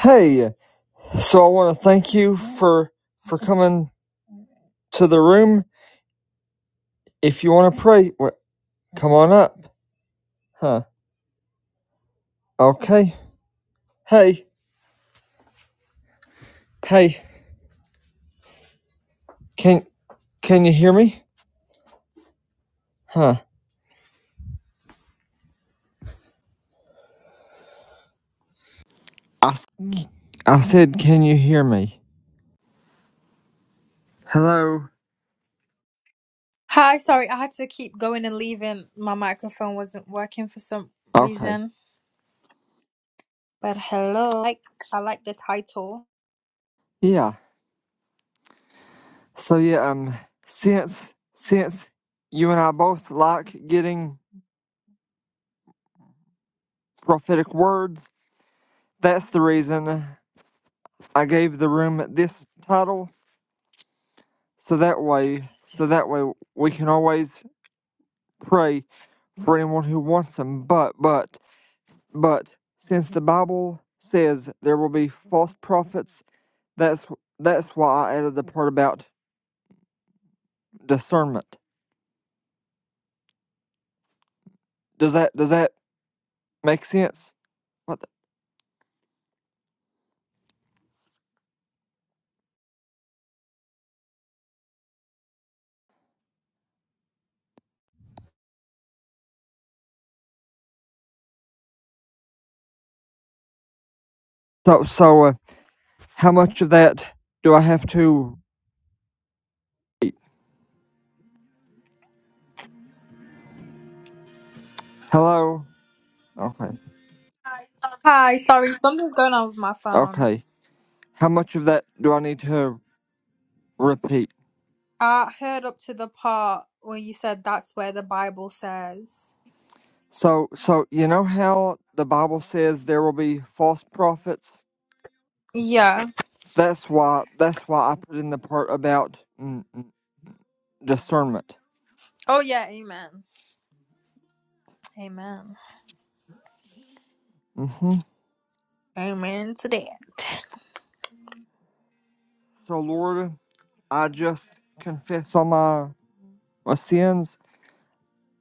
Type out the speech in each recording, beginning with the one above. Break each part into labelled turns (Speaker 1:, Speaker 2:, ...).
Speaker 1: Hey, so I want to thank you for for coming to the room. If you want to pray, wh- come on up. Huh? Okay. Hey, hey, can can you hear me? Huh? I, s- I said, can you hear me? Hello.
Speaker 2: Hi, sorry, I had to keep going and leaving. My microphone wasn't working for some
Speaker 1: Okay.
Speaker 2: reason. But hello, like I like the title.
Speaker 1: Yeah. So yeah, um, since since you and I both like getting prophetic words, that's the reason I gave the room this title. So that way, so that way we can always pray for anyone who wants them. But, but, but, since the Bible says there will be false prophets, that's that's why I added the part about discernment. Does that does that make sense? What the, so so uh, how much of that do I have to? Hello. Okay.
Speaker 2: Hi, sorry, something's going on with my phone.
Speaker 1: Okay. How much of that do I need to repeat?
Speaker 2: I heard up to the part where you said that's where the Bible says.
Speaker 1: So so you know how the Bible says there will be false prophets
Speaker 2: Yeah.
Speaker 1: That's why. That's why I put in the part about mm, mm, discernment.
Speaker 2: Oh yeah, amen. Amen.
Speaker 1: hmm
Speaker 2: Amen to that.
Speaker 1: So, Lord, I just confess all my my sins.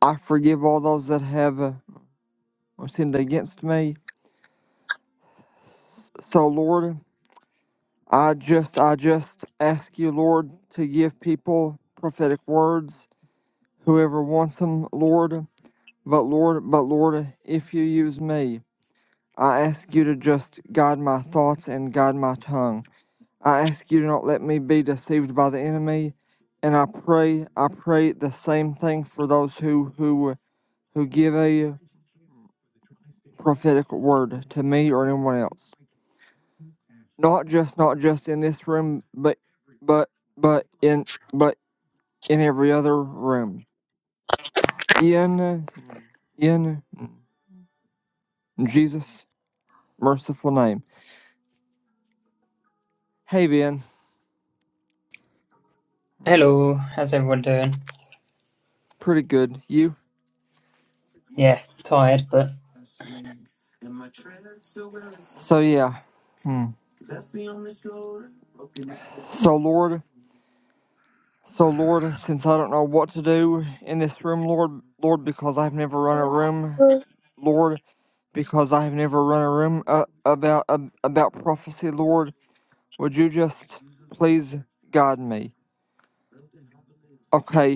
Speaker 1: I forgive all those that have uh, sinned against me. So, Lord, I just I just ask you, Lord, to give people prophetic words, whoever wants them, Lord. But Lord, but Lord, if you use me, I ask you to just guide my thoughts and guide my tongue. I ask you to not let me be deceived by the enemy, and I pray, I pray the same thing for those who who who give a prophetic word to me or anyone else. Not just not just in this room, but but but in but in every other room. In in Jesus' merciful name. Hey Ben,
Speaker 3: Hello, how's everyone doing?
Speaker 1: pretty good. You?
Speaker 3: Yeah, tired, but
Speaker 1: So yeah. Hmm. So Lord. So, Lord, since I don't know what to do in this room, Lord, Lord, because I've never run a room,
Speaker 2: Mm.
Speaker 1: Lord, because I've never run a room uh, about ab about prophecy, Lord, would you just please guide me? Okay,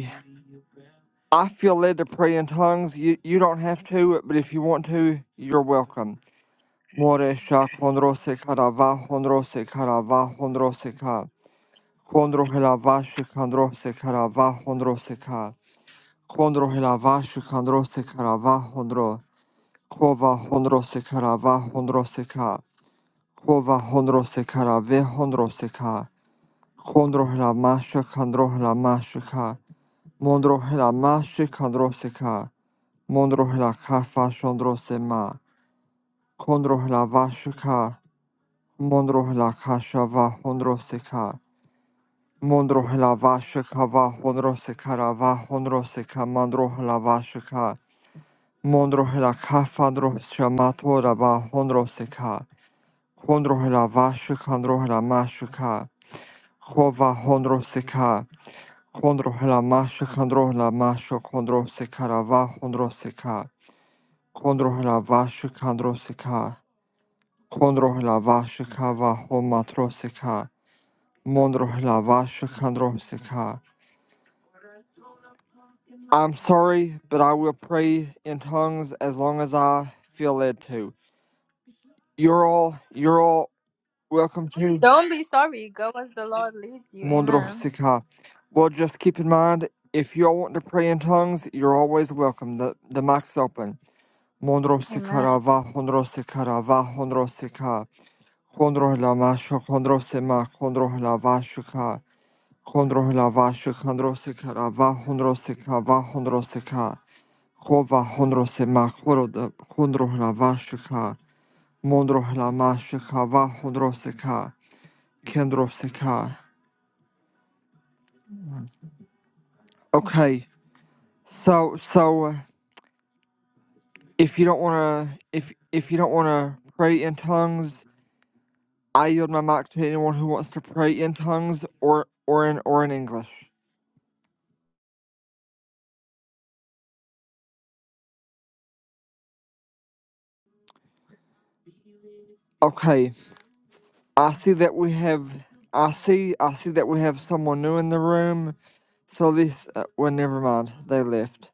Speaker 1: I feel led to pray in tongues. You you don't have to, but if you want to, you're welcome. Moresha kondrose karava hondrose karava hondrose ka. Kondro helava shikandrose karava hondrose Conro hilava shikandro sekarava honro. Kova honro sekarava honro seka. Kova honro sekarave honro seka. Condro hilama shikandro hilama shika. Mondro hilama shikandro seka. Mondro hilakafa shondro sema. Condro hilava shika. Mondro hilakashava honro seka. Mondro hilava shikava honro sekarava honro seka mandro hilava shika. Mondroh la kafandroh shamato la ba hondroseka. Kondroh la vashukandroh la mashuka. Hova hondroseka. Kondroh la mashukandroh la mashukondroseka la va hondroseka. Kondroh la vashukandroseka. Kondroh la vashuka va homatroseka. Mondroh la vashukandroseka. I'm sorry, but I will pray in tongues as long as I feel led to. Ural, Ural, Welcome to
Speaker 2: Don't be sorry. Go as the Lord leads you.
Speaker 1: Mondro
Speaker 2: Amen.
Speaker 1: Sikha. Well, just keep in mind, if you all want to pray in tongues, you're always welcome. The the mic's open. Mondro
Speaker 2: Amen.
Speaker 1: Sikara va Hondro Sikara va Hondro Sikha. Hondro Lama Shuk Hondro Sema Hondro Lava Shuka. Hondro Lava Shukandro Sikara va Hondro Sikha va Hondro Sikha. Hova Hondro Sema Horo Hondro Lava Shuka. Mondro Lama Shuka va Hondro Sikha. Kendro Sikha. Okay. So so uh, if you don't wanna if if you don't wanna pray in tongues, I yield my mic to anyone who wants to pray in tongues or or in or in English. Okay. I see that we have I see I see that we have someone new in the room. So this uh, well never mind, they left.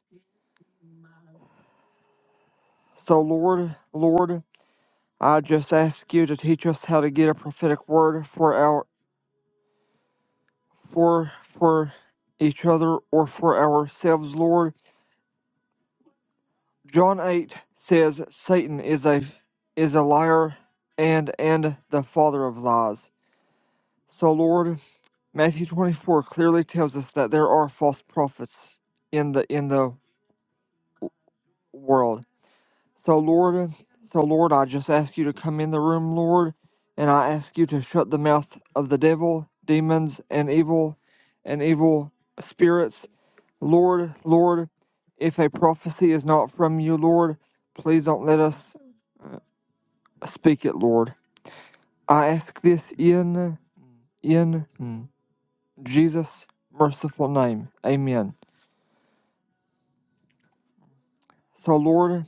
Speaker 1: So Lord, Lord, I just ask you to teach us how to get a prophetic word for our for for each other or for ourselves, Lord. John 8 says Satan is a is a liar and and the father of lies. So Lord, Matthew 24 clearly tells us that there are false prophets in the in the world. So Lord, so Lord, I just ask you to come in the room, Lord, and I ask you to shut the mouth of the devil, demons and evil and evil spirits. Lord, Lord, if a prophecy is not from you, Lord, please don't let us Speak it, Lord. I ask this in in mm, Jesus' merciful name. Amen. So, Lord,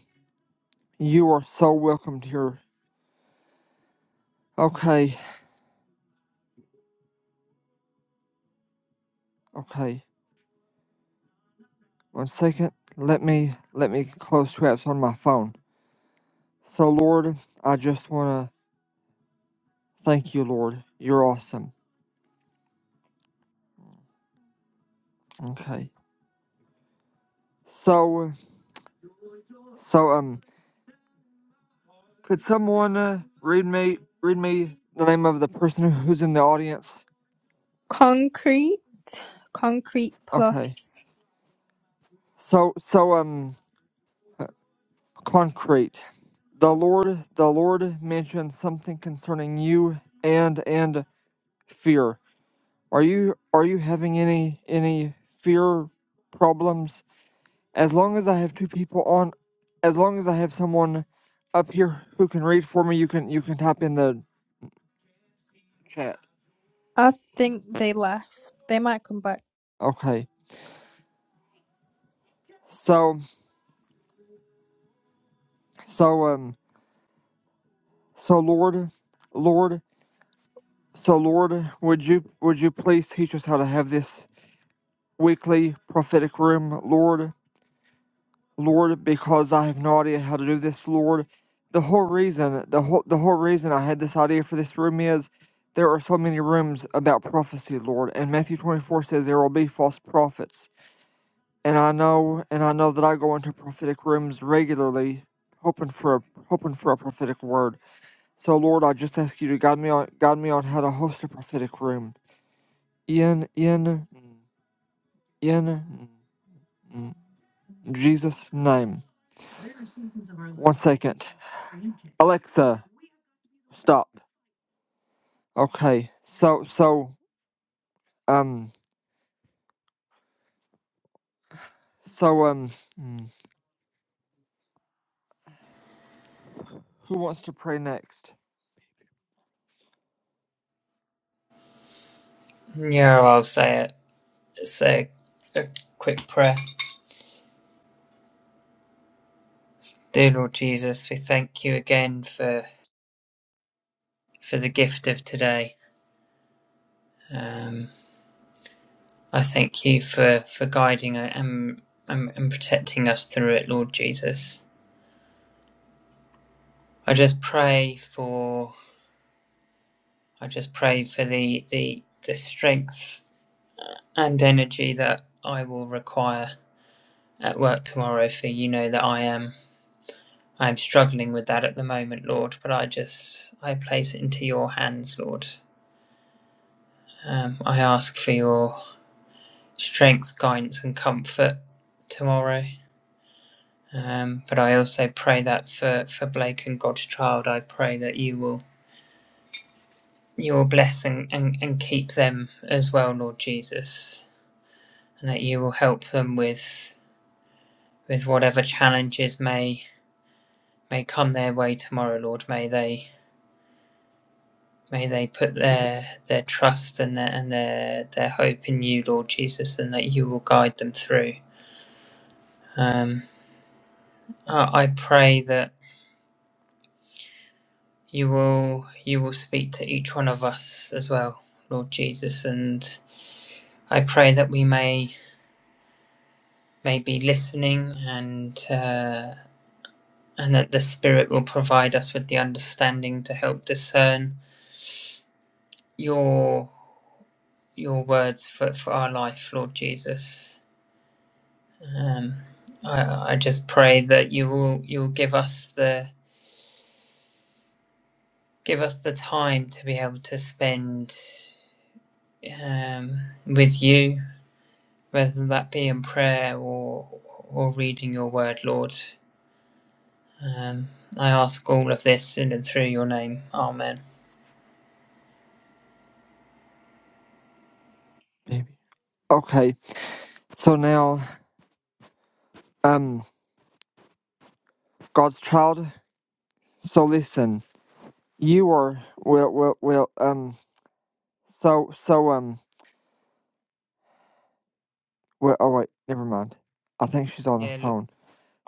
Speaker 1: you are so welcomed here. Okay, okay. One second. Let me let me close traps on my phone. So, Lord, I just wanna thank you, Lord. You're awesome. Okay. So, so um, could someone uh, read me read me the name of the person who's in the audience?
Speaker 2: Concrete. Concrete
Speaker 1: Okay.
Speaker 2: plus.
Speaker 1: So, so um. concrete. The Lord, the Lord mentioned something concerning you and and fear. Are you are you having any any fear problems? As long as I have two people on, as long as I have someone up here who can read for me, you can you can type in the chat.
Speaker 2: I think they left. They might come back.
Speaker 1: Okay. So so um so Lord, Lord, so Lord, would you would you please teach us how to have this weekly prophetic room, Lord? Lord, because I have no idea how to do this, Lord. The whole reason, the whole, the whole reason I had this idea for this room is there are so many rooms about prophecy, Lord. And Matthew 24 says there will be false prophets. And I know, and I know that I go into prophetic rooms regularly, hoping for a, hoping for a prophetic word. So Lord, I just ask you to guide me on, guide me on how to host a prophetic room. In, in, in Jesus' name. One second, Alexa, stop. Okay. So so um so um mm, who wants to pray next?
Speaker 3: yeah, I'll say it. Say a, quick prayer. Dear Lord Jesus, we thank you again for for the gift of today. Um, I thank you for for guiding and, and and protecting us through it, Lord Jesus. I just pray for I just pray for the the the strength and energy that I will require at work tomorrow. For you know that I am. I'm struggling with that at the moment, Lord, but I just I place it into your hands, Lord. Um, I ask for your strength, guidance, and comfort tomorrow. Um, but I also pray that for, for Blake and God's child, I pray that you will you will bless and, and, and keep them as well, Lord Jesus, and that you will help them with with whatever challenges may may come their way tomorrow, Lord. May they May they put their their trust and their and their their hope in you, Lord Jesus, and that you will guide them through. Um, I, I pray that you will you will speak to each one of us as well, Lord Jesus, and I pray that we may may be listening and uh, and that the Spirit will provide us with the understanding to help discern your your words for, for our life, Lord Jesus. Um, I, I just pray that you will you will give us the give us the time to be able to spend um, with you, whether that be in prayer or or reading your word, Lord. Um, I ask all of this in and through your name, Amen.
Speaker 1: Maybe. Okay. So now um God's child. So listen, you are will will will um so so um well oh wait never mind. I think she's on the
Speaker 3: Yeah, look,
Speaker 1: phone.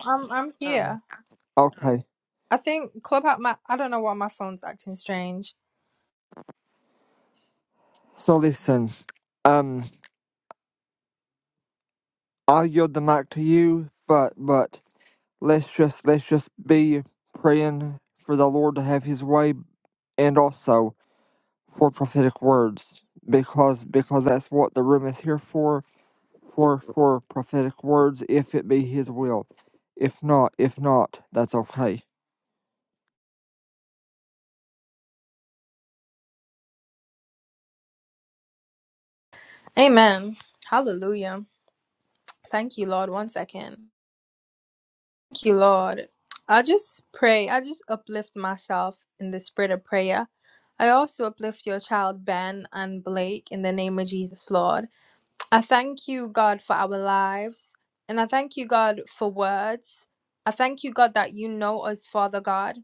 Speaker 2: I'm I'm
Speaker 3: oh, the-
Speaker 2: here.
Speaker 1: Okay.
Speaker 2: I think Clubhouse. My I don't know why my phone's acting strange.
Speaker 1: So listen, um I'll yield the mic to you, but but let's just let's just be praying for the Lord to have His way, and also for prophetic words because because that's what the room is here for for for prophetic words if it be his will if not if not that's okay
Speaker 2: Amen. Hallelujah. Thank you, Lord. One second. Thank you, Lord. I just pray. I just uplift myself in the spirit of prayer. I also uplift your child Ben and Blake in the name of Jesus, Lord. I thank you, God, for our lives, and I thank you, God, for words. I thank you, God, that you know us, Father God.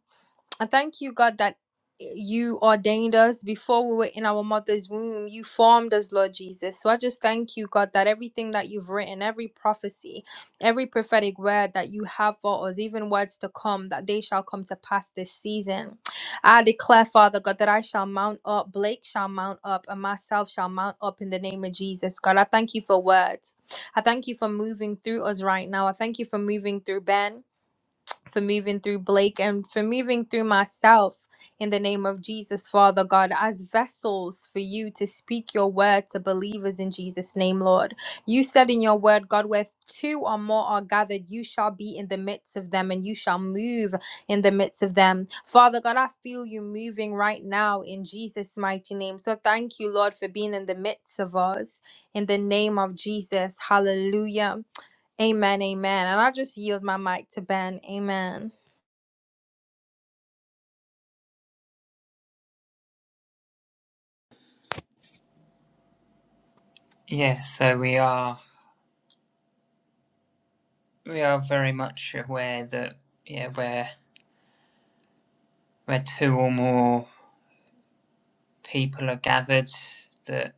Speaker 2: I thank you, God, that eh, you ordained us before we were in our mother's womb. You formed us, Lord Jesus. So I just thank you, God, that everything that you've written, every prophecy, every prophetic word that you have for us, even words to come, that they shall come to pass this season. I declare, Father God, that I shall mount up, Blake shall mount up, and myself shall mount up in the name of Jesus, God. I thank you for words. I thank you for moving through us right now. I thank you for moving through Ben for moving through Blake and for moving through myself in the name of Jesus, Father God, as vessels for you to speak your word to believers in Jesus' name, Lord. You said in your word, God, where two or more are gathered, you shall be in the midst of them and you shall move in the midst of them. Father God, I feel you moving right now in Jesus' mighty name. So thank you, Lord, for being in the midst of us in the name of Jesus. Hallelujah. Amen, amen. And I just yield my mic to Ben. Amen.
Speaker 3: yeah. So we are we are very much aware that yeah, where where two or more people are gathered, that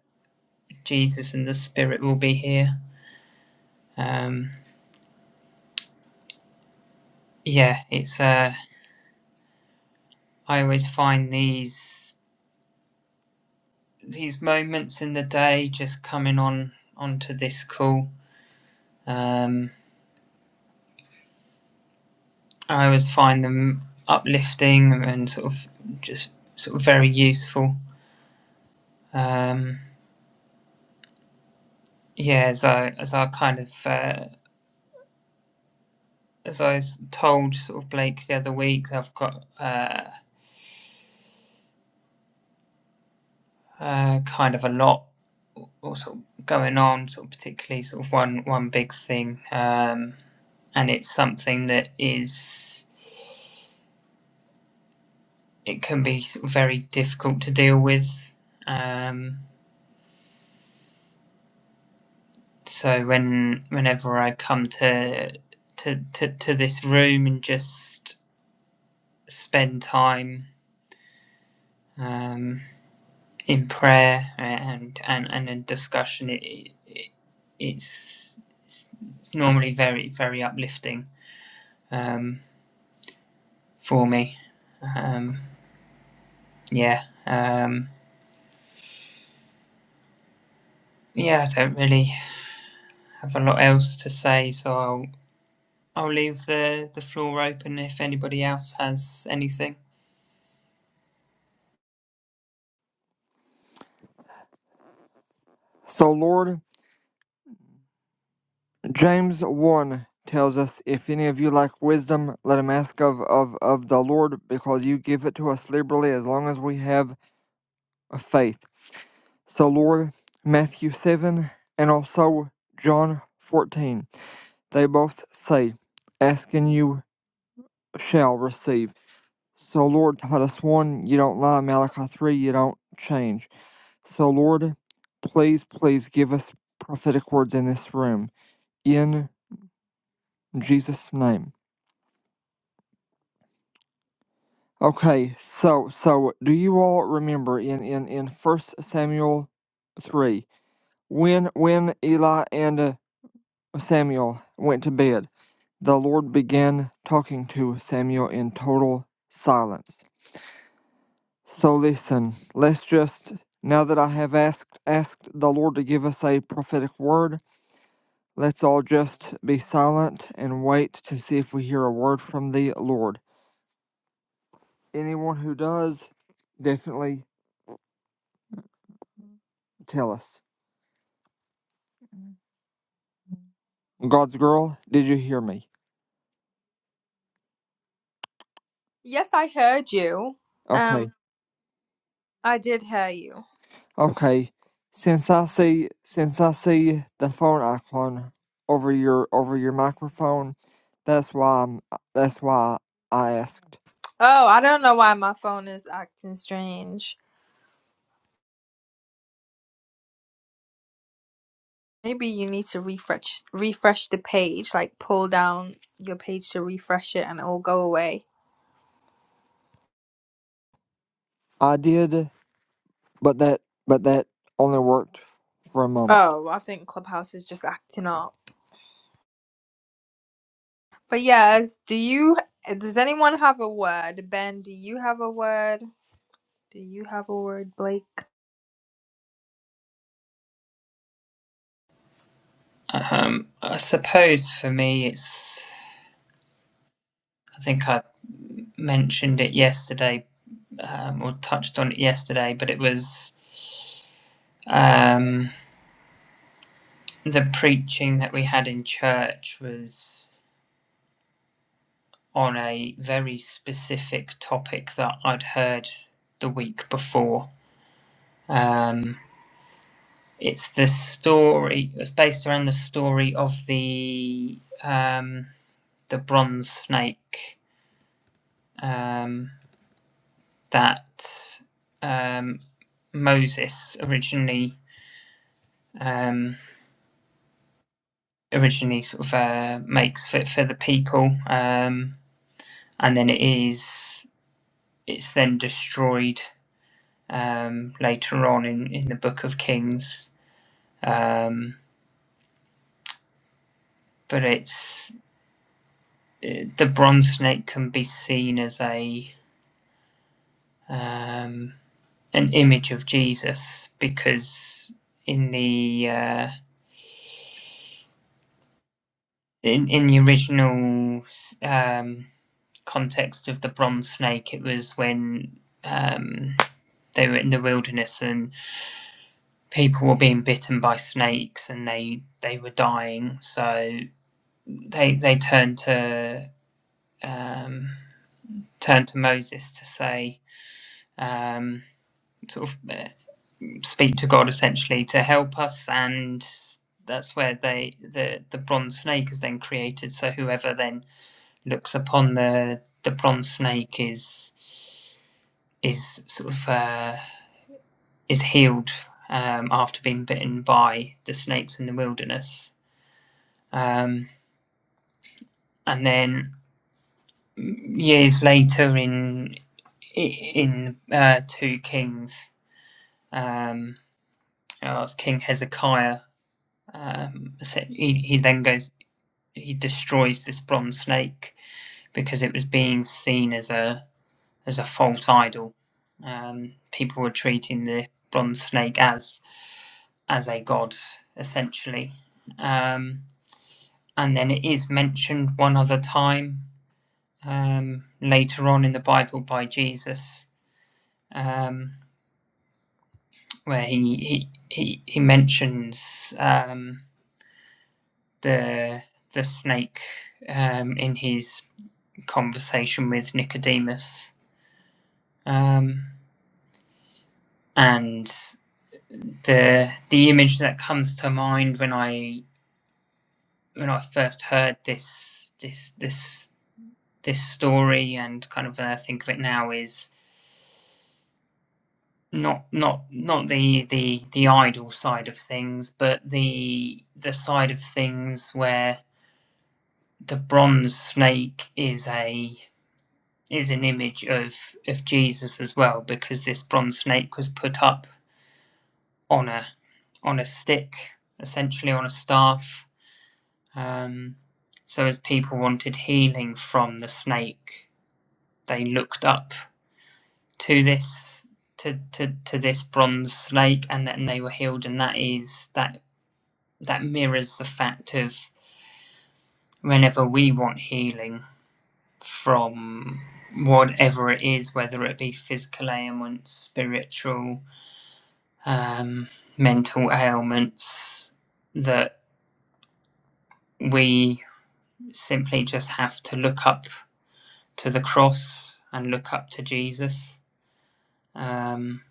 Speaker 3: Jesus and the Spirit will be here. Um, yeah, it's uh, I always find these these moments in the day just coming on onto this call. Um, I always find them uplifting and sort of just sort of very useful. Um, yeah, as I as I kind of uh, as I was told sort of Blake the other week, I've got uh, uh, kind of a lot or sort of going on, sort of particularly sort of one one big thing. Um, and it's something that is it can be very difficult to deal with. Um, so when whenever I come to to, to to this room and just spend time um, in prayer and and and in discussion, it, it it's it's normally very very uplifting um, for me. Um, yeah. Um, yeah, I don't really have a lot else to say, so I'll I'll leave the, the floor open if anybody else has anything.
Speaker 1: so lord james 1 tells us if any of you lack wisdom let him ask of of of the lord because you give it to us liberally as long as we have a faith so lord matthew 7 and also john 14 they both say ask and you shall receive So, Lord, let us one, you don't lie. Malachi 3, you don't change. So, Lord, please, please give us prophetic words in this room. In Jesus' name. Okay, so so do you all remember in in in First Samuel three when when Eli and uh, Samuel went to bed, the Lord began talking to Samuel in total silence. So listen, let's just now that I have asked asked the Lord to give us a prophetic word, let's all just be silent and wait to see if we hear a word from the Lord. Anyone who does, definitely tell us. God's girl, did you hear me?
Speaker 2: Yes, I heard you. Um,
Speaker 1: Okay.
Speaker 2: I did hear you.
Speaker 1: Okay. Since I see since I see the phone icon over your over your microphone, that's why I'm that's why I asked.
Speaker 2: Oh, I don't know why my phone is acting strange. Maybe you need to refresh refresh the page, like pull down your page to refresh it and it will go away.
Speaker 1: I did. but that but that only worked for a moment.
Speaker 2: Oh, I think Clubhouse is just acting up. But yes, do you does anyone have a word? Ben, do you have a word? Do you have a word, Blake?
Speaker 3: Um, I suppose for me, it's. I think I mentioned it yesterday um, or touched on it yesterday, but it was um, the preaching that we had in church was on a very specific topic that I'd heard the week before. Um, it's the story, it's based around the story of the. Um, the bronze snake um, that um, Moses originally um, originally sort of uh, makes for, for the people, um, and then it is it's then destroyed um, later on in, in the Book of Kings. Um, but it's uh, the bronze snake can be seen as a um, an image of Jesus because in the uh, in in the original um, context of the Bronze Snake, it was when um, they were in the wilderness and people were being bitten by snakes and they they were dying. So they they turned to um, turned to Moses to say um, sort of uh, speak to God essentially to help us and. That's where they the the bronze snake is then created. So whoever then looks upon the the bronze snake is is sort of uh, is healed um, after being bitten by the snakes in the wilderness, um, and then years later in in uh, Two Kings, um, oh, King Hezekiah. Um, so he, he then goes he destroys this bronze snake because it was being seen as a as a false idol. Um, people were treating the bronze snake as as a god, essentially. Um, and then it is mentioned one other time um, later on in the Bible by Jesus, um, where he he he, he mentions um, the the snake um, in his conversation with Nicodemus. Um, and the the image that comes to mind when I when I first heard this this this this story and kind of uh, think of it now is not not not the the the idol side of things, but the the side of things where the bronze snake is a is an image of of Jesus as well, because this bronze snake was put up on a on a stick, essentially on a staff. Um, so as people wanted healing from the snake, they looked up to this to, to to this bronze lake and then they were healed and that is that that mirrors the fact of whenever we want healing from whatever it is whether it be physical ailments spiritual um mental ailments that we simply just have to look up to the cross and look up to jesus um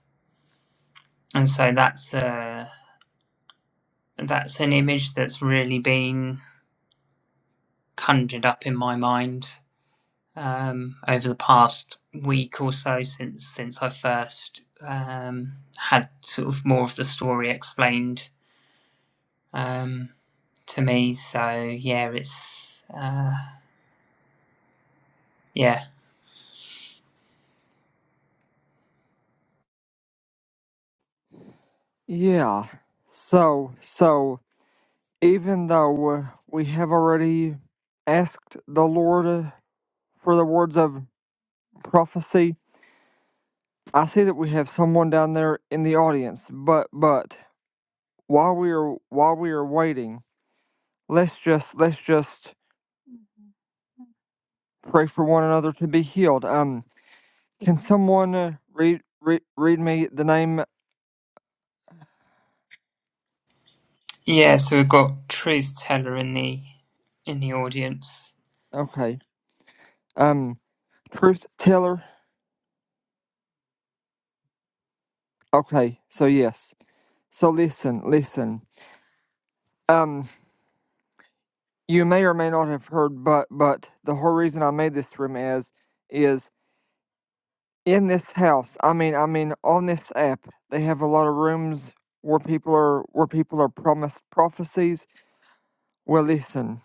Speaker 3: and so that's a that's an image that's really been conjured up in my mind um, over the past week or so since since I first um, had sort of more of the story explained um, to me. So yeah, it's uh, yeah
Speaker 1: Yeah. So so even though uh, we have already asked the Lord uh, for the words of prophecy, I see that we have someone down there in the audience. But but while we are while we are waiting, let's just let's just pray for one another to be healed. Um, can someone uh, read read read me the name?
Speaker 3: yeah. So we've got truth teller in the in the audience.
Speaker 1: Okay. Um, truth teller Okay, so yes. So listen, listen. Um, you may or may not have heard, but but the whole reason I made this room is is in this house. I mean, I mean, on this app, they have a lot of rooms where people are where people are promised prophecies. Well, listen,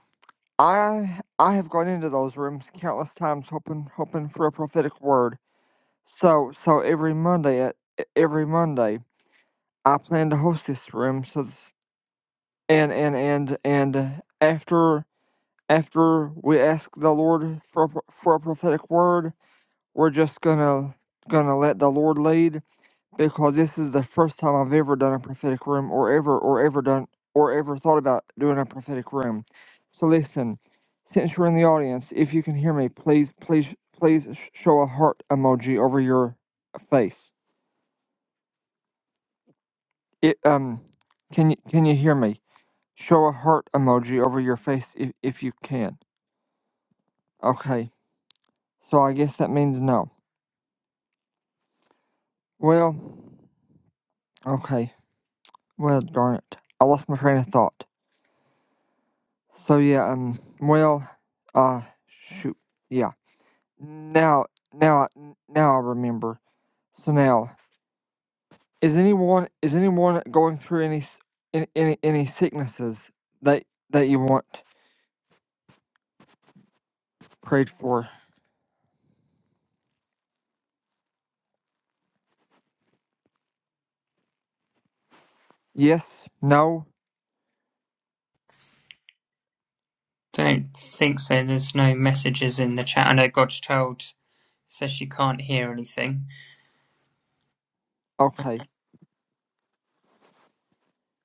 Speaker 1: I I have gone into those rooms countless times, hoping hoping for a prophetic word. So so every Monday at every Monday, I plan to host this room. So and and and and after after we ask the Lord for a pro- for a prophetic word, we're just gonna gonna let the Lord lead because this is the first time I've ever done a prophetic room or ever or ever done or ever thought about doing a prophetic room. So listen, since you're in the audience, if you can hear me, please please please sh- show a heart emoji over your face. It um can you can you hear me? Show a heart emoji over your face if if you can. Okay, so I guess that means no. Well, okay. Well, darn it. I lost my train of thought. So yeah, um, well, uh, shoot, yeah. Now, now, now I remember. So now, is anyone is anyone going through any s- any any, any sicknesses that that you want prayed for? Yes. No.
Speaker 3: Don't think so. There's no messages in the chat. I know God's child says she can't hear anything
Speaker 1: Okay.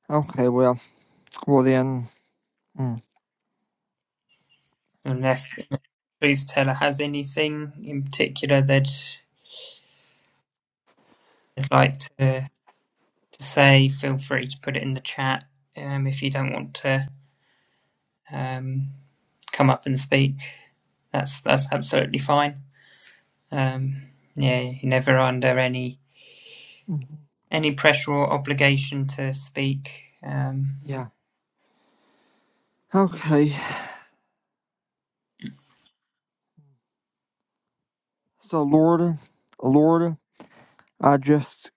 Speaker 1: Okay. Well. Well then. mm,
Speaker 3: unless truth teller has anything in particular that they'd like to to say, feel free to put it in the chat um, if you don't want to um, come up and speak. That's that's absolutely fine. Um, yeah, you're never under any
Speaker 1: mhm,
Speaker 3: any pressure or obligation to speak. Um,
Speaker 1: Yeah. Okay. So Lord, Lord. I just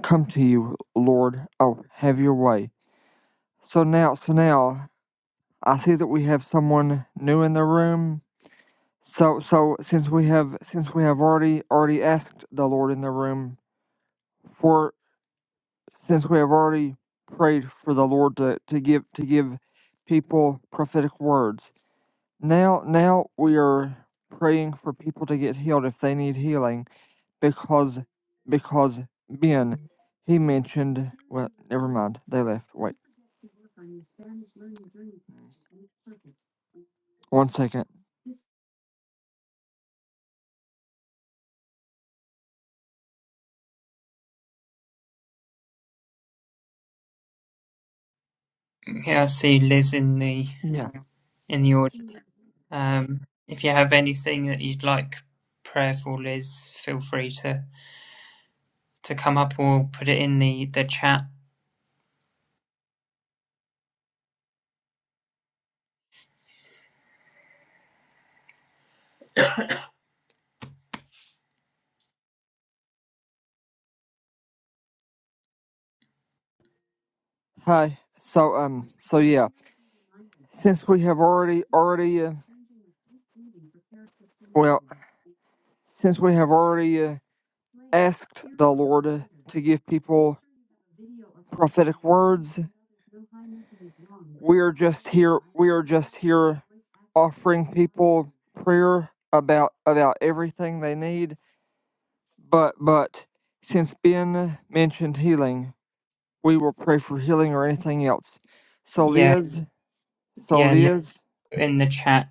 Speaker 1: come to you, Lord. Oh, have your way. So now, so now, I see that we have someone new in the room. So, so since we have, since we have already, already asked the Lord in the room for, since we have already prayed for the Lord to, to give, to give people prophetic words. Now, now we are praying for people to get healed if they need healing because because Ben he mentioned well never mind they left wait one second
Speaker 3: yeah, I see Liz in the
Speaker 1: yeah
Speaker 3: in the audience. Um, if you have anything that you'd like prayer for, Liz, feel free to to come up or put it in the the chat.
Speaker 1: hi so um so yeah since we have already already uh, well since we have already uh, asked the Lord uh, to give people prophetic words we are just here we are just here offering people prayer about about everything they need but but since Ben mentioned healing we will pray for healing or anything else. So
Speaker 3: Yeah,
Speaker 1: Leah's, so
Speaker 3: yeah, Liz,
Speaker 1: Leah's,
Speaker 3: put in the chat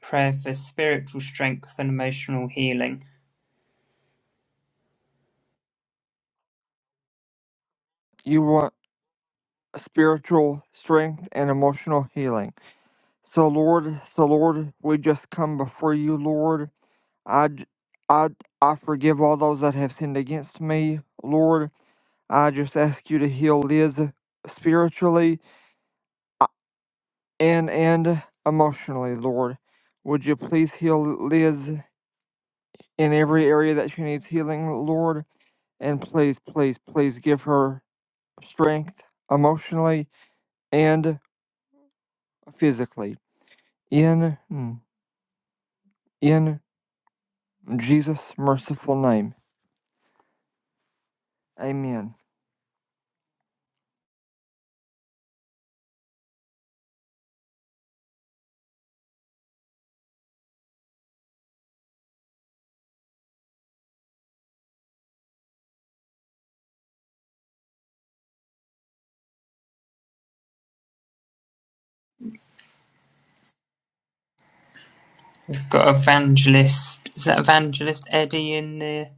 Speaker 3: prayer for spiritual strength and emotional healing.
Speaker 1: you want spiritual strength and emotional healing. So Lord, so Lord, we just come before you, Lord. I, j- I, I forgive all those that have sinned against me, Lord. I just ask you to heal Liz spiritually uh, and and emotionally, Lord. Would you please heal Liz in every area that she needs healing, Lord? And please, please, please give her strength emotionally and physically. In mm, in Jesus' merciful name. Amen.
Speaker 3: We've got evangelist. Is that evangelist Eddie in the?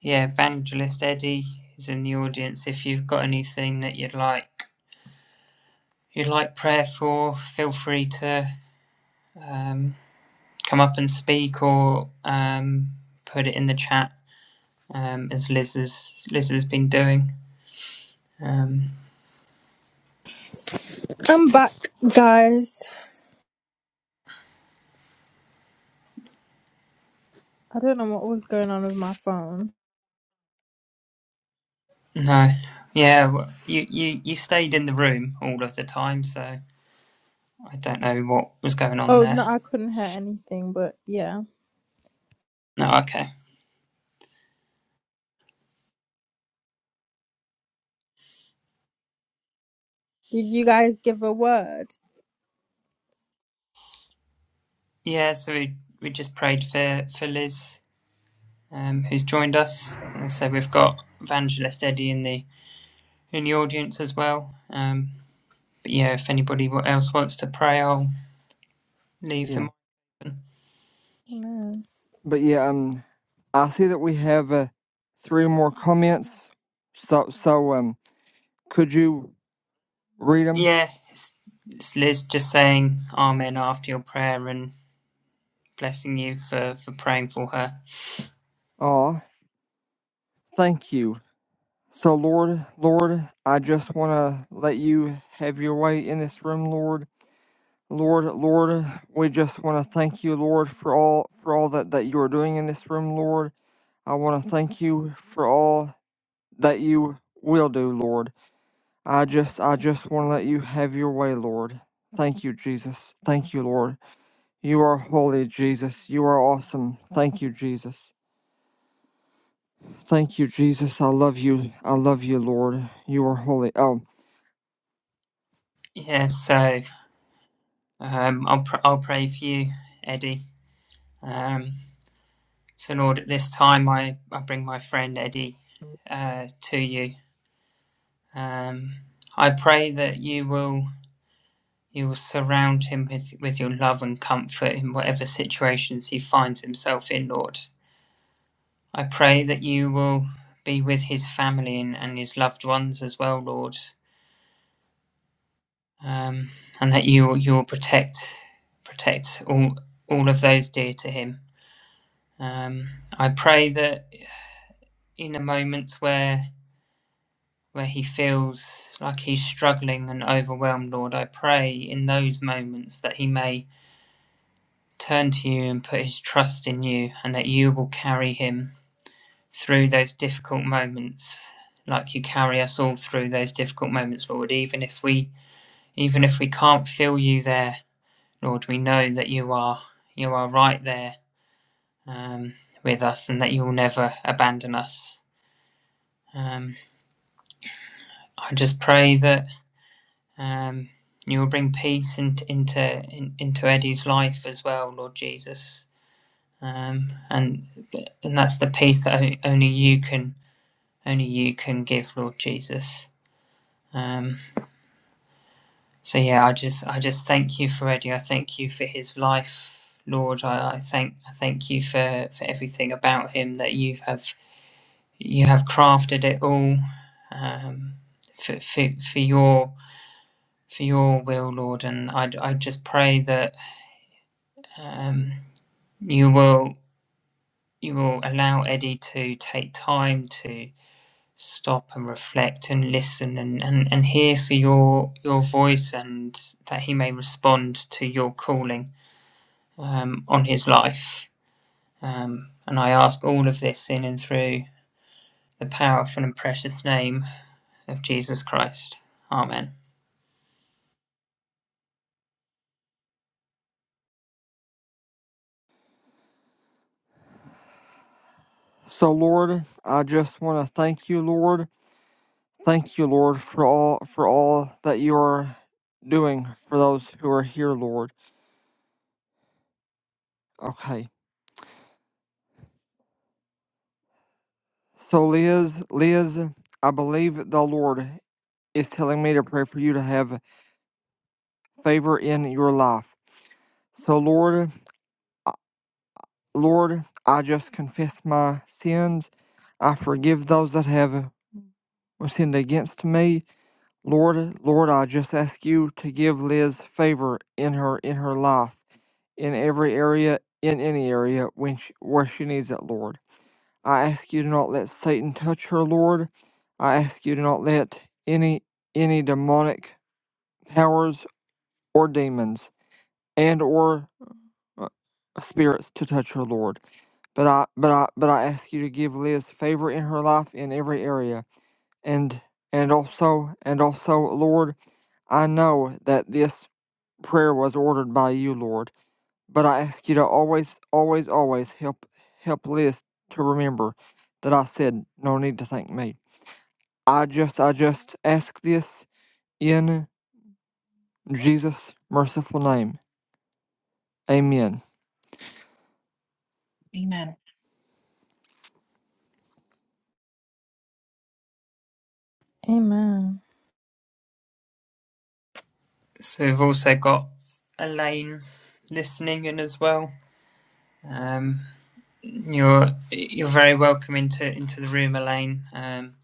Speaker 3: Yeah, evangelist Eddie is in the audience. If you've got anything that you'd like, you'd like prayer for, feel free to um, come up and speak or um, put it in the chat, um, as Liz has Liz has been doing. Um,
Speaker 2: I don't know what was going on with my phone.
Speaker 3: no, yeah, well, you, you you stayed in the room all of the time, so I don't know what was going on
Speaker 2: Oh no,
Speaker 3: there.
Speaker 2: I couldn't hear anything, but yeah.
Speaker 3: No, okay.
Speaker 2: Did you guys give a word?
Speaker 3: Yeah, so we we just prayed for for Liz, um, who's joined us. And so we've got Evangelist Eddie in the in the audience as well. Um, but yeah, if anybody else wants to pray, I'll leave
Speaker 1: Yeah.
Speaker 3: them.
Speaker 2: Amen.
Speaker 1: But yeah, um I see that we have uh, three more comments. So so um could you read them?
Speaker 3: Yeah, it's, it's Liz just saying Amen after your prayer and blessing you for for praying for her.
Speaker 1: Oh, thank you. So Lord, Lord, I just want to let you have your way in this room, Lord. Lord, Lord, we just want to thank you, Lord, for all for all that that you are doing in this room, Lord. I want to thank you for all that you will do, Lord. I just I just want to let you have your way, Lord. Thank you, Jesus. Thank you, Lord. You are holy, Jesus. You are awesome. Thank you, Jesus. Thank you, Jesus. I love you. I love you, Lord. You are holy. Oh,
Speaker 3: Yeah, so um, I'll pr- I'll pray for you, Eddie. Um, so Lord, at this time I I bring my friend Eddie uh, to you. Um, I pray that you will you will surround him with, with your love and comfort in whatever situations he finds himself in, Lord. I pray that you will be with his family and, and his loved ones as well, Lord. Um, and that you will- you will protect protect all all of those dear to him. Um, I pray that in the moments where where he feels like he's struggling and overwhelmed, Lord, I pray in those moments that he may turn to you and put his trust in you, and that you will carry him through those difficult moments, like you carry us all through those difficult moments, Lord. Even if we, even if we can't feel you there, Lord, we know that you are, you are right there um, with us, and that you will never abandon us. Um, I just pray that um, you will bring peace in, into in, into Eddie's life as well, Lord Jesus. um, and and that's the peace that only you can only you can give, Lord Jesus. Um, so yeah, I just I just thank you for Eddie. I thank you for his life, Lord. I, I thank I thank you for, for everything about him that you have you have crafted it all um, for, for for your for your will, Lord. And I I just pray that um, you will you will allow Eddie to take time to stop and reflect and listen and, and, and hear for your your voice and that he may respond to your calling um, on his life. Um, and I ask all of this in and through the powerful and precious name of Jesus Christ. Amen.
Speaker 1: so Lord, I just want to thank you, Lord. Thank you, Lord, for all for all that you are doing for those who are here, Lord. Okay. So, Liz, Liz, I believe the Lord is telling me to pray for you to have favor in your life. So, Lord, I- Lord, I just confess my sins. I forgive those that have sinned against me. Lord, Lord, I just ask you to give Liz favor in her in her life, in every area, in any area when she, where she needs it, Lord. I ask you to not let Satan touch her, Lord. I ask you to not let any any demonic powers or demons and or uh, spirits to touch her, Lord. But I but I but I ask you to give Liz favor in her life in every area. And and also and also, Lord, I know that this prayer was ordered by you, Lord. But I ask you to always, always, always help help Liz to remember that I said no need to thank me. I just, I just ask this in Jesus' merciful name. Amen.
Speaker 4: Amen.
Speaker 2: Amen.
Speaker 3: So we've also got Elaine listening in as well. Um, you're you're very welcome into into the room, Elaine. Um,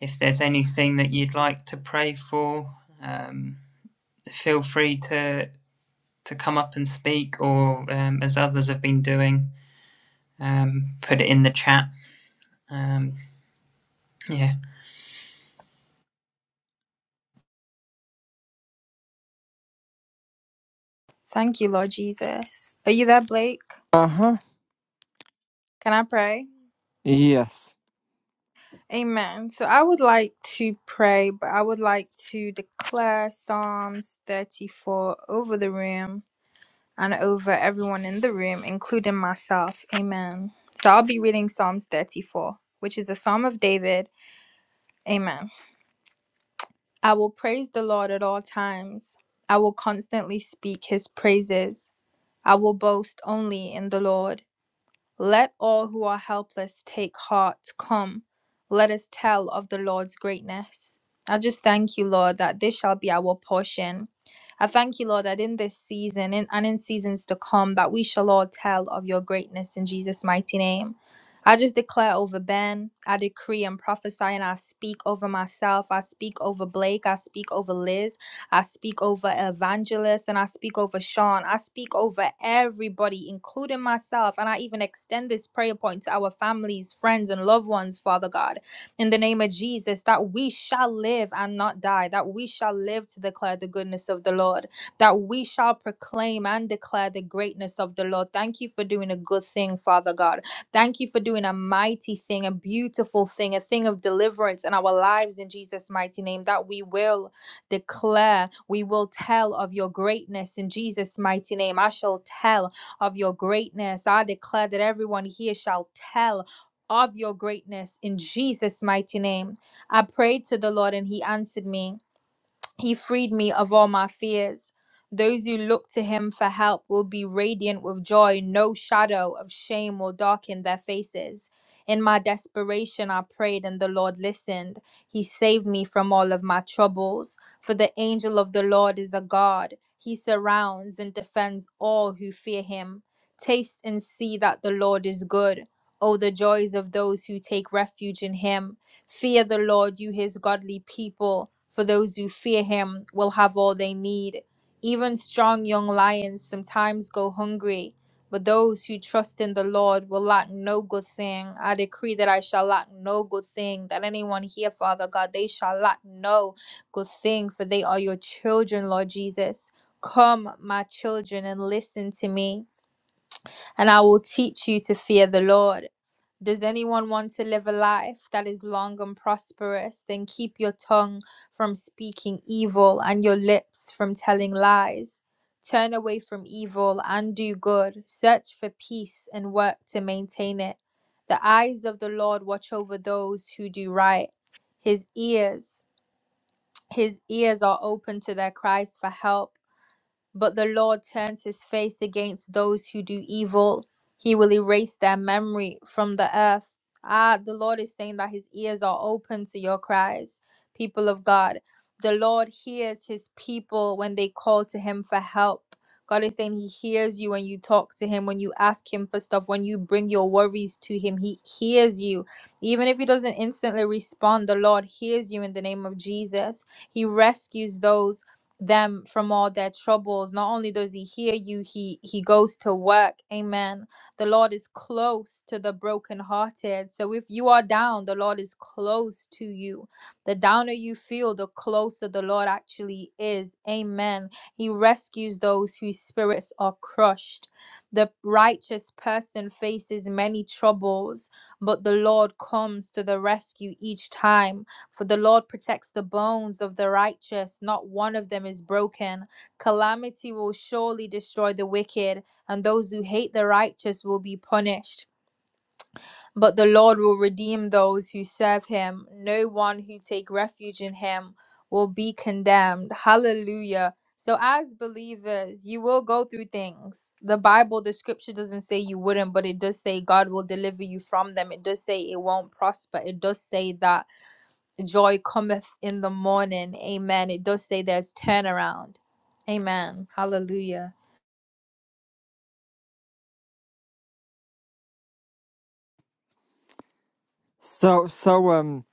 Speaker 3: if there's anything that you'd like to pray for, um, feel free to to come up and speak, or um, as others have been doing, um, put it in the chat. Um, yeah,
Speaker 2: Thank you, Lord Jesus. Are you there, Blake?
Speaker 1: Uh huh.
Speaker 2: Can I pray?
Speaker 1: Yes.
Speaker 2: Amen. So I would like to pray, but I would like to declare Psalms 34 over the room and over everyone in the room, including myself. Amen. So I'll be reading Psalms 34, which is a psalm of David. Amen. I will praise the Lord at all times. I will constantly speak his praises. I will boast only in the Lord. Let all who are helpless take heart. Come, let us tell of the Lord's greatness. I just thank you, Lord, that this shall be our portion. I thank you, Lord, that in this season in, and in seasons to come, that we shall all tell of your greatness in Jesus' mighty name. I just declare over Ben, I decree and prophesy, and I speak over myself, I speak over Blake, I speak over Liz. I speak over Evangelist and I speak over Sean. I speak over everybody, including myself. And I even extend this prayer point to our families, friends, and loved ones, Father God, in the name of Jesus, that we shall live and not die, that we shall live to declare the goodness of the Lord, that we shall proclaim and declare the greatness of the Lord. Thank you for doing a good thing, Father God. Thank you for doing a mighty thing, a beautiful thing, a thing of deliverance in our lives in Jesus' mighty name, that we will declare, we will tell of your greatness in Jesus' mighty name. I shall tell of your greatness. I declare that everyone here shall tell. Of your greatness in Jesus' mighty name. I prayed to the Lord and He answered me. He freed me of all my fears. Those who look to him for help will be radiant with joy. No shadow of shame will darken their faces. In my desperation, I prayed, and the Lord listened. He saved me from all of my troubles. For the angel of the Lord is a God. He surrounds and defends all who fear him. Taste and see that the Lord is good. Oh, the joys of those who take refuge in him. Fear the Lord, you his godly people, for those who fear him will have all they need. Even strong young lions sometimes go hungry, but those who trust in the Lord will lack no good thing. I decree that I shall lack no good thing, that anyone here, Father God, they shall lack no good thing, for they are your children, Lord Jesus. Come, my children, and listen to me and I will teach you to fear the Lord. Does anyone want to live a life that is long and prosperous? Then keep your tongue from speaking evil and your lips from telling lies. Turn away from evil and do good. Search for peace and work to maintain it. The eyes of the Lord watch over those who do right. His ears, his ears are open to their cries for help. But the Lord turns his face against those who do evil. He will erase their memory from the earth. Ah, the Lord is saying that his ears are open to your cries, people of God. The Lord hears his people when they call to him for help. God is saying he hears you when you talk to him, when you ask him for stuff, when you bring your worries to him. He hears you. Even if he doesn't instantly respond, the Lord hears you in the name of Jesus. He rescues those them from all their troubles. Not only does he hear you, he he goes to work. Amen. The Lord is close to the brokenhearted. So if you are down, the Lord is close to you. The downer you feel, the closer the Lord actually is. Amen. He rescues those whose spirits are crushed. The righteous person faces many troubles, but the Lord comes to the rescue each time. For the Lord protects the bones of the righteous, not one of them is broken. Calamity will surely destroy the wicked, and those who hate the righteous will be punished. But the Lord will redeem those who serve him. No one who take refuge in him will be condemned. Hallelujah. So as believers, you will go through things. The Bible, the scripture doesn't say you wouldn't, but it does say God will deliver you from them. It does say it won't prosper. It does say that joy cometh in the morning. Amen. It does say there's turnaround. Amen. Hallelujah.
Speaker 1: So, so, um,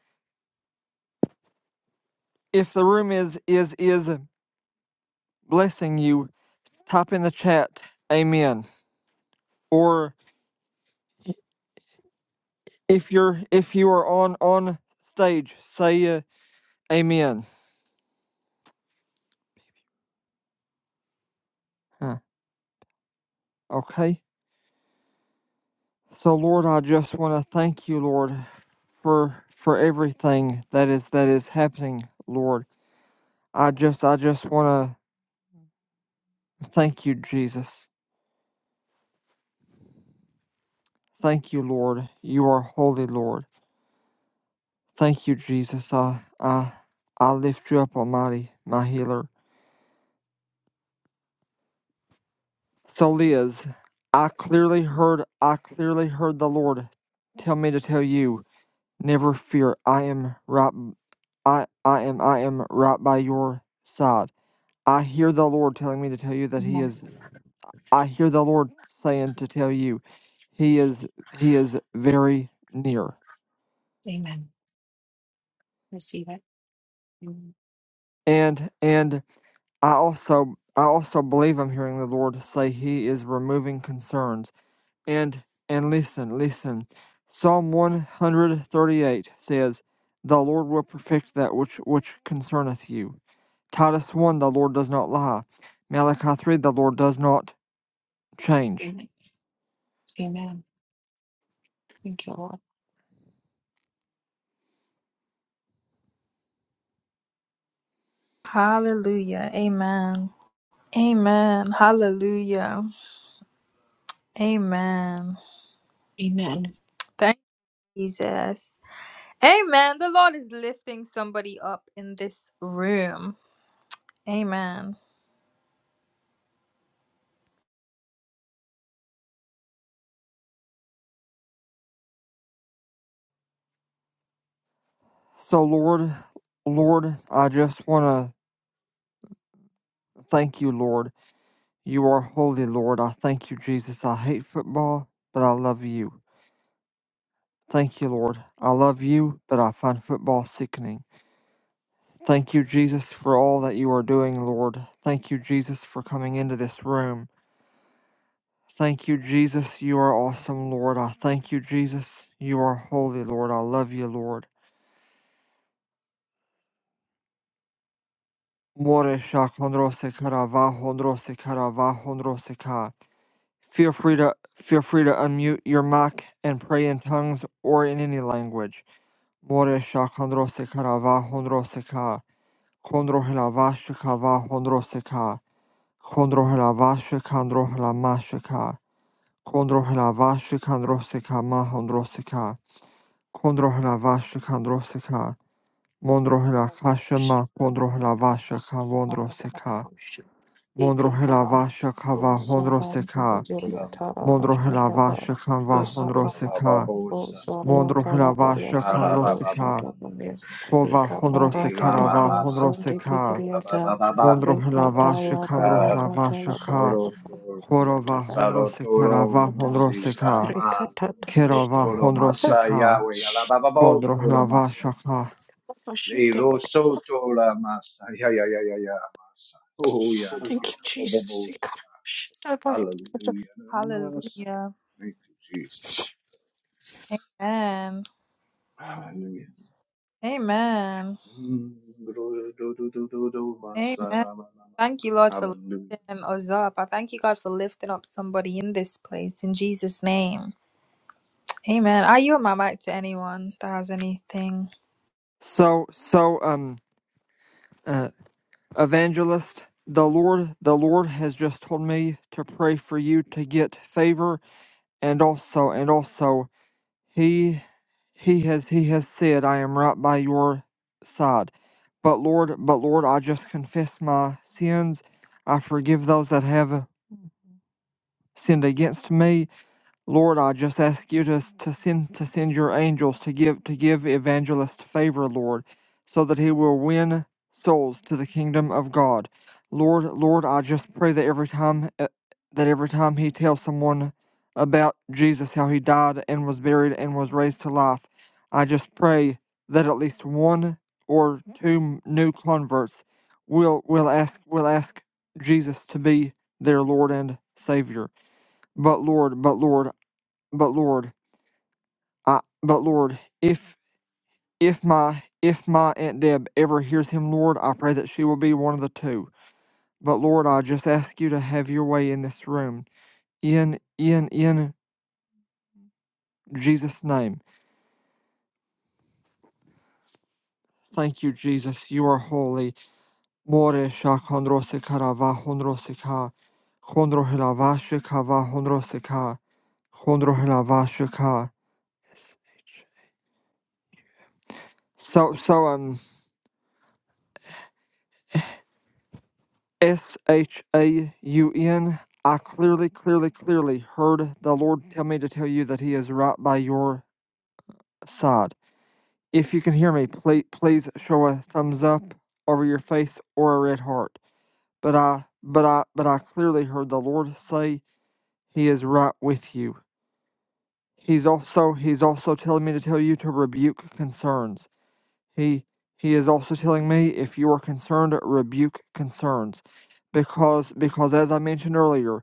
Speaker 1: if the room is, is, is blessing you, type in the chat, Amen. Or if you're, if you are on, on stage, say, uh, Amen. Huh. Okay. So, Lord, I just want to thank you, Lord, for, for everything that is, that is happening, Lord. I just, I just want to Thank you, Jesus. Thank you, Lord. You are holy, Lord. Thank you, Jesus. I, I, I lift you up, Almighty, my healer. So, Liz, I clearly heard, I clearly heard the Lord tell me to tell you, never fear. I am right. I, I am, I am right by your side. I hear the Lord telling me to tell you that He
Speaker 4: Amen.
Speaker 1: is. I hear the Lord saying to tell you, He is, He is very near.
Speaker 4: Amen. Receive it. Amen.
Speaker 1: And and I also I also believe I'm hearing the Lord say He is removing concerns. And and listen, listen. Psalm one hundred thirty eight says, The Lord will perfect that which which concerneth you. Titus one, the Lord does not lie. Malachi three, the Lord does not change.
Speaker 4: Amen. Amen. Thank you, Lord.
Speaker 2: Hallelujah. Amen. Amen. Hallelujah. Amen.
Speaker 4: Amen.
Speaker 2: Thank you, Jesus. Amen. The Lord is lifting somebody up in this room. Amen.
Speaker 1: So Lord Lord, I just wanna thank you, Lord. You are holy, Lord. I thank you, Jesus. I hate football, but I love you. Thank you, Lord. I love you, but I find football sickening. Thank you, Jesus, for all that you are doing, Lord. Thank you, Jesus, for coming into this room. Thank you, Jesus. You are awesome, Lord. I thank you, Jesus. You are holy, Lord. I love you, Lord. More shakondrose karavahondrose karavahondrose ka. Feel free to feel free to unmute your mic and pray in tongues or in any language. More shakondrose karavahondrose ka. Konrohela vashika va honroseka. Konrohela vashika androhela mashika. Konrohela vashika androseka ma honroseka. Konrohela vashika androseka. Monrohela kasha
Speaker 4: Thank
Speaker 1: ma konrohela vashika vondroseka.
Speaker 4: you,
Speaker 1: Monrohela
Speaker 4: Jesus.
Speaker 1: vashika va
Speaker 4: O
Speaker 1: honroseka.
Speaker 4: Sarandiriya
Speaker 5: Kila manto,
Speaker 1: Monrohela
Speaker 4: Tarabashataba,
Speaker 1: vashika va
Speaker 5: masoro
Speaker 4: Ikapapa,
Speaker 5: baba
Speaker 1: honroseka.
Speaker 4: O
Speaker 5: bosa,
Speaker 4: Saria
Speaker 1: Monrohela
Speaker 4: Talabaya
Speaker 1: vashika
Speaker 5: ara
Speaker 4: Tarabo
Speaker 5: baba
Speaker 1: androseka.
Speaker 5: baba
Speaker 4: Shatabamir,
Speaker 5: bosa,
Speaker 1: Kova honroseka
Speaker 5: irama
Speaker 4: Ikaparatata,
Speaker 1: va
Speaker 4: O
Speaker 5: mama mama
Speaker 1: honroseka.
Speaker 5: bola baba
Speaker 4: Sundikibriata,
Speaker 5: baba
Speaker 1: Mondro
Speaker 5: dura
Speaker 1: Hilava
Speaker 4: Rikatala
Speaker 1: Shikandro
Speaker 5: basikara,
Speaker 1: Hilava
Speaker 4: Barakatala
Speaker 1: Shaka
Speaker 5: soro
Speaker 4: Barabata,
Speaker 5: dura,
Speaker 1: Horova
Speaker 4: Yatada,
Speaker 5: saro duro
Speaker 1: Hondrosekarava Hondroseka
Speaker 5: masirama,
Speaker 4: Rikatata,
Speaker 1: Kerava
Speaker 5: rotoro
Speaker 1: Hondroseka
Speaker 5: masayawe, ala baba
Speaker 1: Hodro
Speaker 5: botoro
Speaker 1: Hilava
Speaker 5: masanto,
Speaker 1: Shaka.
Speaker 5: liro
Speaker 4: Shatabashataba.
Speaker 5: soto masa, ya ya ya ya ya masa, oh ya la
Speaker 4: Thank
Speaker 5: baba
Speaker 4: you,
Speaker 5: baba
Speaker 4: Jesus.
Speaker 5: bosa,
Speaker 4: Ikapashataba.
Speaker 5: hallelujah, masa.
Speaker 2: Hallelujah.
Speaker 5: Thank you, Jesus.
Speaker 2: Amen.
Speaker 5: Hallelujah.
Speaker 2: Amen.
Speaker 5: Mm, do- do- do- do- do- do, Masa-
Speaker 2: Amen.
Speaker 5: ma- ma- ma- ma.
Speaker 2: Thank you, Lord, for
Speaker 5: Hallelujah.
Speaker 2: lifting us up. I thank you, God, for lifting up somebody in this place in Jesus' name. Amen. I yield my mic to anyone that has anything.
Speaker 1: So so um uh, evangelist the Lord the Lord has just told me to pray for you to get favor and also and also He he has he has said, I am right by your side. But Lord, but Lord, I just confess my sins. I forgive those that have sinned against me. Lord, I just ask you to, to send to send your angels to give to give evangelist favor, Lord, so that he will win souls to the kingdom of God. Lord, Lord, I just pray that every time uh, that every time he tells someone about Jesus, how he died and was buried and was raised to life, I just pray that at least one or two m- new converts will will ask will ask Jesus to be their Lord and Savior. But Lord, but Lord, but Lord, I but Lord, if if my if my Aunt Deb ever hears him, Lord, I pray that she will be one of the two. But Lord, I just ask you to have your way in this room. In in in Jesus' name. Thank you, Jesus. You are holy. More sha kondrose karava hondrose ka. Kondro hilava shikava hondrose hilava shika. So so um. S H A U N. I clearly, clearly, clearly heard the Lord tell me to tell you that He is right by your side. If you can hear me, please, please show a thumbs up over your face or a red heart. But I, but I, but I clearly heard the Lord say He is right with you. He's also, He's also telling me to tell you to rebuke concerns. He he is also telling me if you are concerned, rebuke concerns. Because because as I mentioned earlier,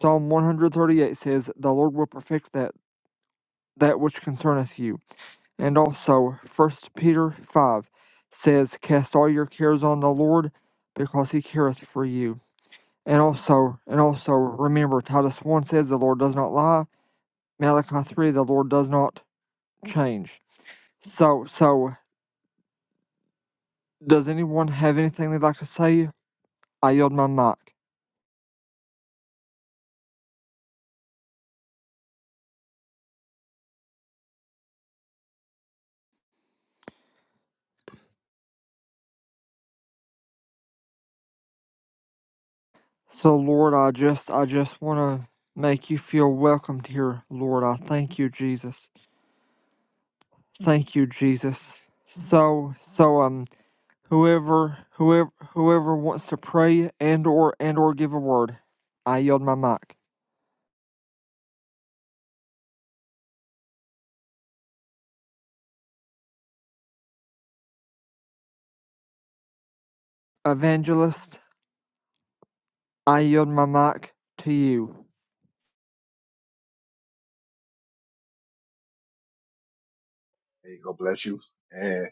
Speaker 1: Psalm 138 says, The Lord will perfect that that which concerneth you. And also First Peter 5 says, Cast all your cares on the Lord, because he careth for you. And also and also remember Titus 1 says the Lord does not lie. Malachi 3, the Lord does not change. So so does anyone have anything they'd like to say I yield my mic. So Lord, I just I just want to make you feel welcomed here, Lord. I thank you, Jesus. Thank you, Jesus. So so um whoever whoever whoever wants to pray and or and or give a word, I yield my mic. Evangelist, I yield my mic to you.
Speaker 5: Hey, God bless you. Uh,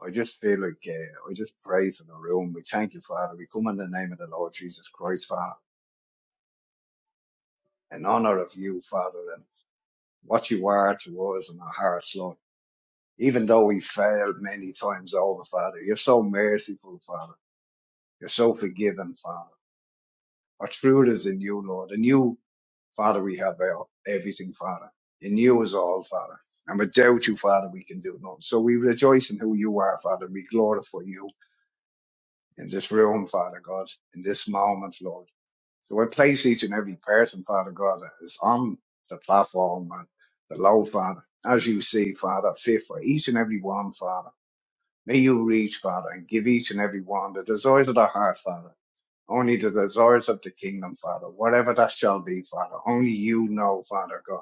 Speaker 5: I just feel like uh, I just pray for the room. We thank you, Father. We come in the name of the Lord Jesus Christ, Father, in honor of you, Father, and what you are to us in our hearts, Lord. Even though we failed many times over, Father, you're so merciful, Father. You're so forgiving, Father. Our truth is in you, Lord, and you. Father, we have our everything, Father. In you is all, Father. And without you, Father, we can do nothing. So we rejoice in who you are, Father. We glorify you in this room, Father God, in this moment, Lord. So I place each and every person, Father God, that is on the platform and the low, Father. As you see, Father, fit for each and every one, Father. May you reach, Father, and give each and every one the desires of the heart, Father. Only the desires of the kingdom, Father. Whatever that shall be, Father. Only you know, Father God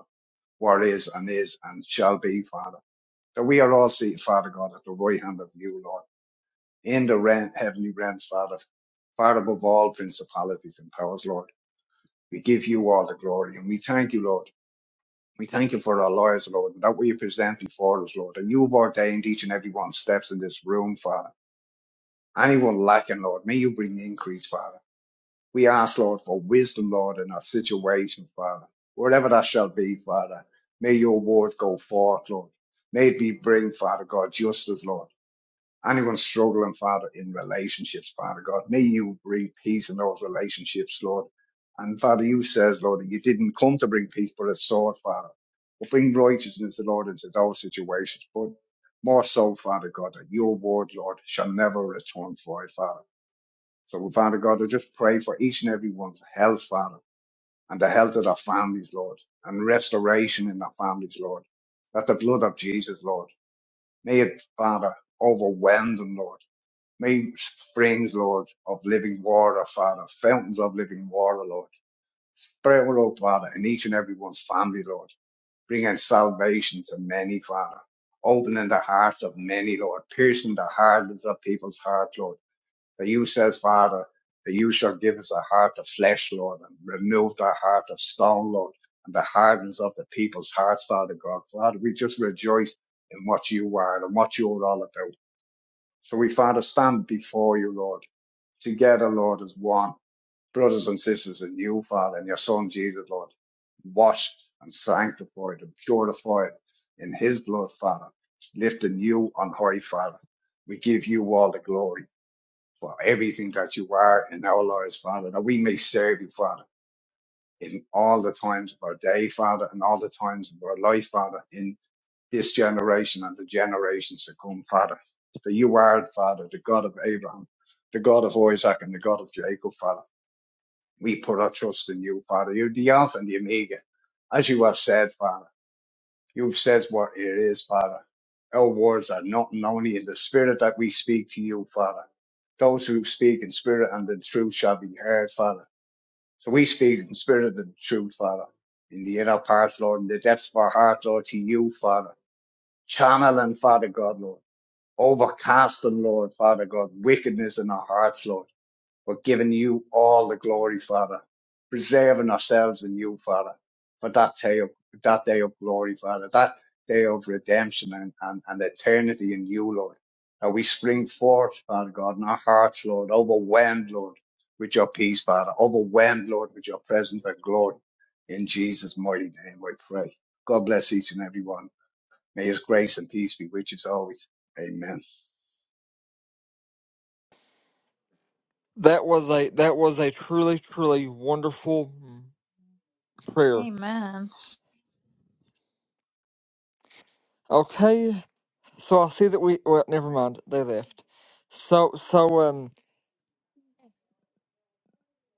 Speaker 5: what is and is and shall be, Father. That we are all seated, Father God, at the right hand of you, Lord, in the ren- heavenly realms, Father, far above all principalities and powers, Lord. We give you all the glory and we thank you, Lord. We thank you for our lives, Lord, and that we are presenting for us, Lord. And you've ordained each and every one steps in this room, Father. Anyone lacking, Lord, may you bring increase, Father. We ask, Lord, for wisdom, Lord, in our situation, Father. Whatever that shall be, Father, may your word go forth, Lord. May it be bring, Father God, justice, Lord. Anyone struggling, Father, in relationships, Father God, may you bring peace in those relationships, Lord. And Father, you says, Lord, that you didn't come to bring peace, but a sword, Father. But bring righteousness, Lord, into those situations. But more so, Father God, that your word, Lord, shall never return void, Father. So, we, Father God, I just pray for each and every one's health, Father, and the health of their families, Lord, and restoration in their families, Lord. That the blood of Jesus, Lord, may it, Father, overwhelm them, Lord. May springs, Lord, of living water, Father, fountains of living water, Lord. Spread, Lord, Father, in each and every one's family, Lord. Bringing salvation to many, Father. Opening the hearts of many, Lord. Piercing the hardness of people's hearts, Lord the you says, Father, that you shall give us a heart of flesh, Lord, and remove the heart of stone, Lord, and the hardness of the people's hearts, Father God. Father, we just rejoice in what you are and what you're all about. So we, Father, stand before you, Lord, together, Lord, as one, brothers and sisters in you, Father, and your Son, Jesus, Lord, washed and sanctified and purified in his blood, Father, lifting you on high, Father. We give you all the glory for everything that you are in our lives, Father, that we may serve you, Father, in all the times of our day, Father, and all the times of our life, Father, in this generation and the generations to come, Father. That you are, Father, the God of Abraham, the God of Isaac, and the God of Jacob, Father. We put our trust in you, Father. You're the Alpha and the Omega, as you have said, Father. You've said what it is, Father. Our words are not only in the spirit that we speak to you, Father. Those who speak in spirit and in truth shall be heard, Father. So we speak in spirit and truth, Father. In the inner parts, Lord, in the depths of our heart, Lord, to you, Father. Channeling, Father God, Lord. Overcasting, Lord, Father God, wickedness in our hearts, Lord but giving you all the glory, Father, preserving ourselves in you, Father, for that day of that day of glory, Father, that day of redemption and, and, and eternity in you, Lord. That we spring forth, Father God, in our hearts, Lord, overwhelmed, Lord, with your peace, Father, overwhelmed, Lord, with your presence and glory. In Jesus' mighty name, we pray. God bless each and every one. May his grace and peace be with us always. Amen.
Speaker 1: That was a that was a truly truly wonderful prayer.
Speaker 2: Amen.
Speaker 1: Okay, so I see that we well never mind, they left. So so um.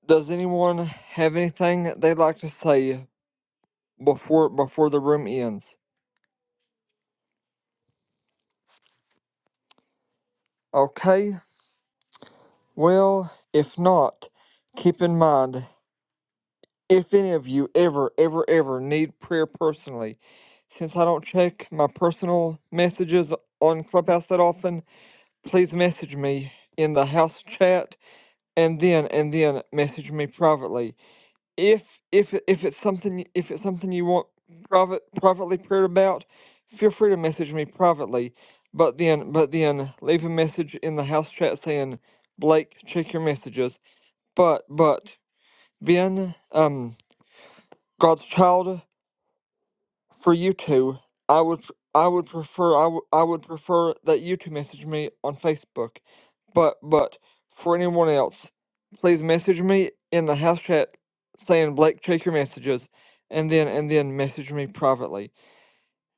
Speaker 1: Does anyone have anything they'd like to say before before the room ends? Okay. Well, if not, keep in mind if any of you ever, ever, ever need prayer personally, since I don't check my personal messages on Clubhouse that often, please message me in the house chat and then and then message me privately. if if if it's something if it's something you want private privately prayed about, feel free to message me privately. But then but then leave a message in the house chat saying, Blake, check your messages. But but Ben, um, God's child for you two, I would I would prefer I would I would prefer that you two message me on Facebook, but but for anyone else, please message me in the house chat saying Blake check your messages, and then and then message me privately.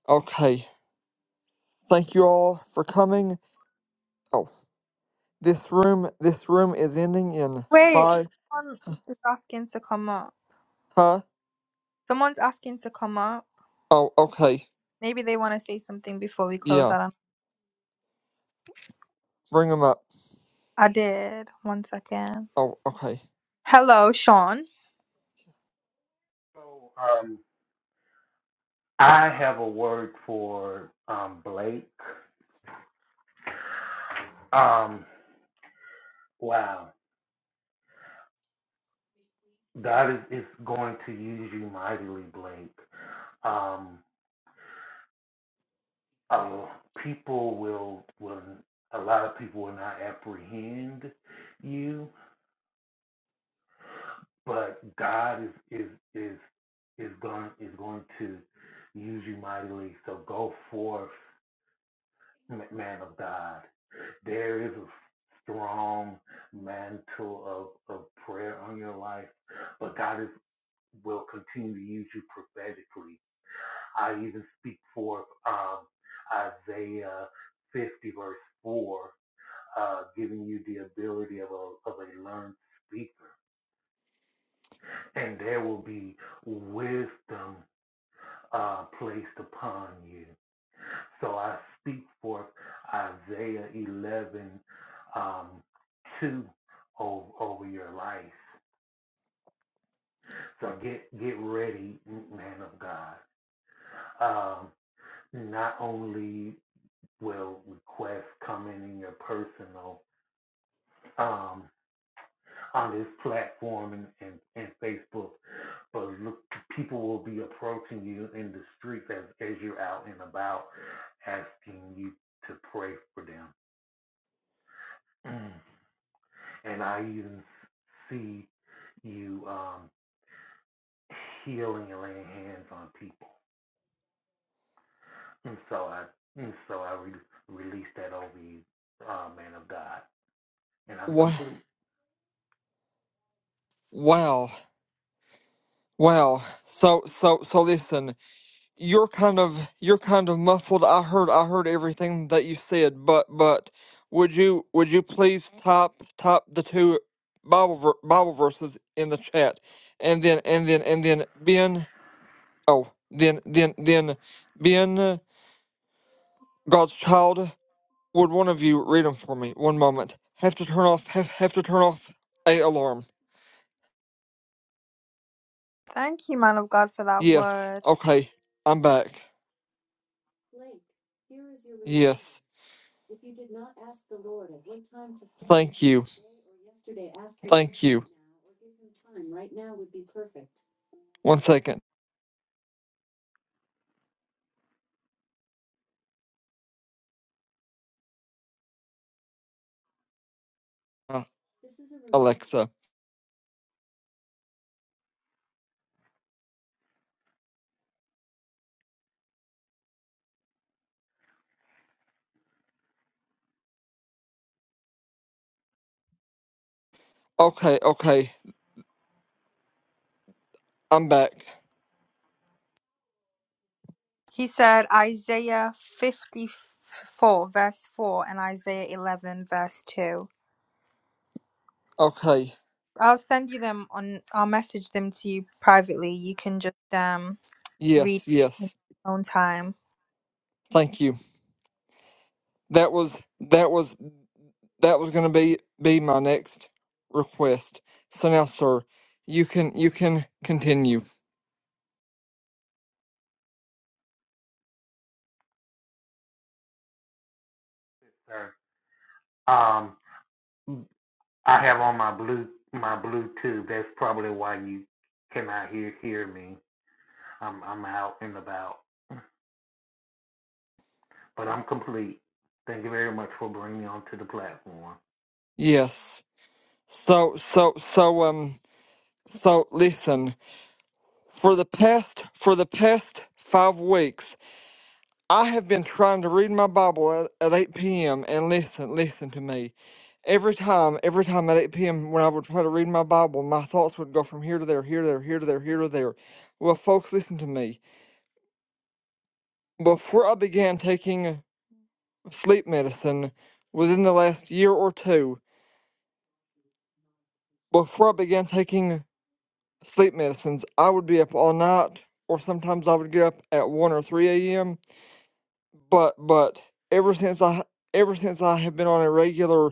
Speaker 1: Okay, thank you all for coming. Oh, this room this room is ending in
Speaker 2: Wait,
Speaker 1: five.
Speaker 2: someone is asking to come up.
Speaker 1: Huh?
Speaker 2: Someone's asking to come up.
Speaker 1: Oh, okay.
Speaker 2: Maybe they want to say something before we close.
Speaker 1: Yeah,
Speaker 2: I don't.
Speaker 1: bring them up.
Speaker 2: I did. One second.
Speaker 1: Oh, okay.
Speaker 2: Hello, Sean.
Speaker 6: So um, I have a word for um, Blake. Um, wow, God is, is going to use you mightily, Blake. Um, uh, people will will a lot of people will not apprehend you, but God is is is is going is going to use you mightily. So go forth, ma- man of God. There is a strong mantle of, of prayer on your life, but God is will continue to use you prophetically. I even speak forth um, Isaiah 50 verse 4, uh, giving you the ability of a, of a learned speaker, and there will be wisdom uh, placed upon you. So I speak forth Isaiah 11, um, 2 over, over your life. So get, get ready, man of God. Um, not only will requests come in in your personal, um, on this platform and, and, and Facebook, but look, people will be approaching you in the streets as, as you're out and about asking you to pray for them. Mm. And I even see you um, healing and laying hands on people. And so I and so I re- release that over you, uh, man of God. And I'm
Speaker 1: Wow,
Speaker 6: complete,
Speaker 1: wow, wow. So so so listen. you're kind of you're kind of muffled. I heard I heard everything that you said, but but would you would you please top top the two Bible ver- Bible verses in the chat, and then and then and then Ben oh then then then Ben uh, God's child would one of you read them for me? One moment. Have to turn off have have to turn off a alarm.
Speaker 2: Thank you, man of God, for that
Speaker 1: Yes.
Speaker 2: word.
Speaker 1: Okay. I'm back. Yes. Thank you. Thank right you. right One second. Uh, Alexa, Okay, okay. I'm back.
Speaker 2: He said Isaiah 54, verse 4, and Isaiah 11, verse 2.
Speaker 1: Okay.
Speaker 2: I'll send you them on, I'll message them to you privately. You can just um read
Speaker 1: Yes,
Speaker 2: it in
Speaker 1: yes.
Speaker 2: your own time.
Speaker 1: Thank you. That was that was that was going to be be my next request. So now sir, you can you can continue.
Speaker 6: sir. Um, I have on my blue my Bluetooth. That's probably why you cannot hear hear me. I'm I'm out and about, but I'm complete. Thank you very much for bringing me onto the platform.
Speaker 1: Yes. So so so um so listen, for the past for the past 5 weeks I have been trying to read my Bible at, at 8 p.m. and listen, listen to me. Every time, every time at 8 p.m. when I would try to read my Bible, my thoughts would go from here to there, here to there, here to there, here to there. Well, folks, listen to me. Before I began taking sleep medicine within the last year or two, before I began taking sleep medicines, I would be up all night, or sometimes I would get up at 1 or 3 a.m. But, but ever since I, ever since I have been on a regular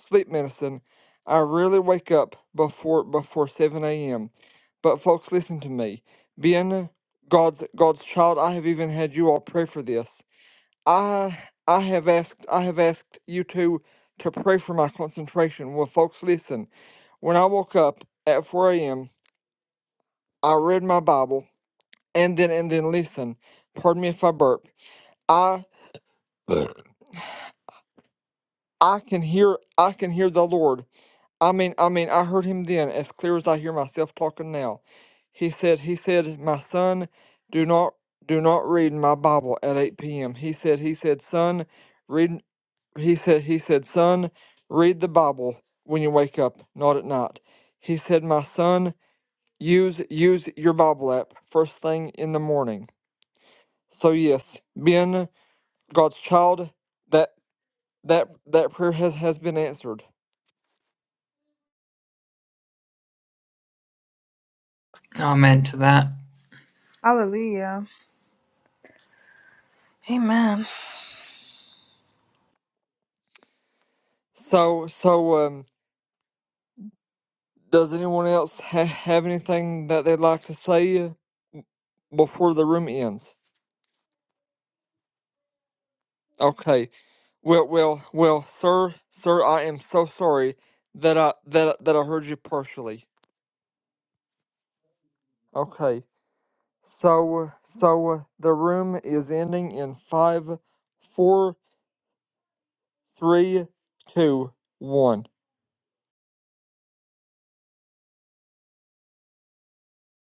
Speaker 1: sleep medicine. I rarely wake up before before 7 a.m. But folks, listen to me. Being God's God's child, I have even had you all pray for this. I I have asked I have asked you two to pray for my concentration. Well, folks, listen. When I woke up at 4 a.m., I read my Bible and then and then listen. Pardon me if I burp. I. I can hear I can hear the Lord. I mean I mean I heard him then as clear as I hear myself talking now. He said he said, My son, do not do not read my Bible at eight PM. He said he said, son, read he said he said, son, read the Bible when you wake up, not at night. He said, My son, use use your Bible app first thing in the morning. So yes, being God's child, that that that prayer has, has been answered.
Speaker 3: amen to that.
Speaker 2: Hallelujah. Amen.
Speaker 1: So, so, um, does anyone else ha- have anything that they'd like to say before the room ends? Okay. Well, well, well, sir, sir, I am so sorry that I that that I heard you partially. Okay. So, so the room is ending in five, four, three, two, one.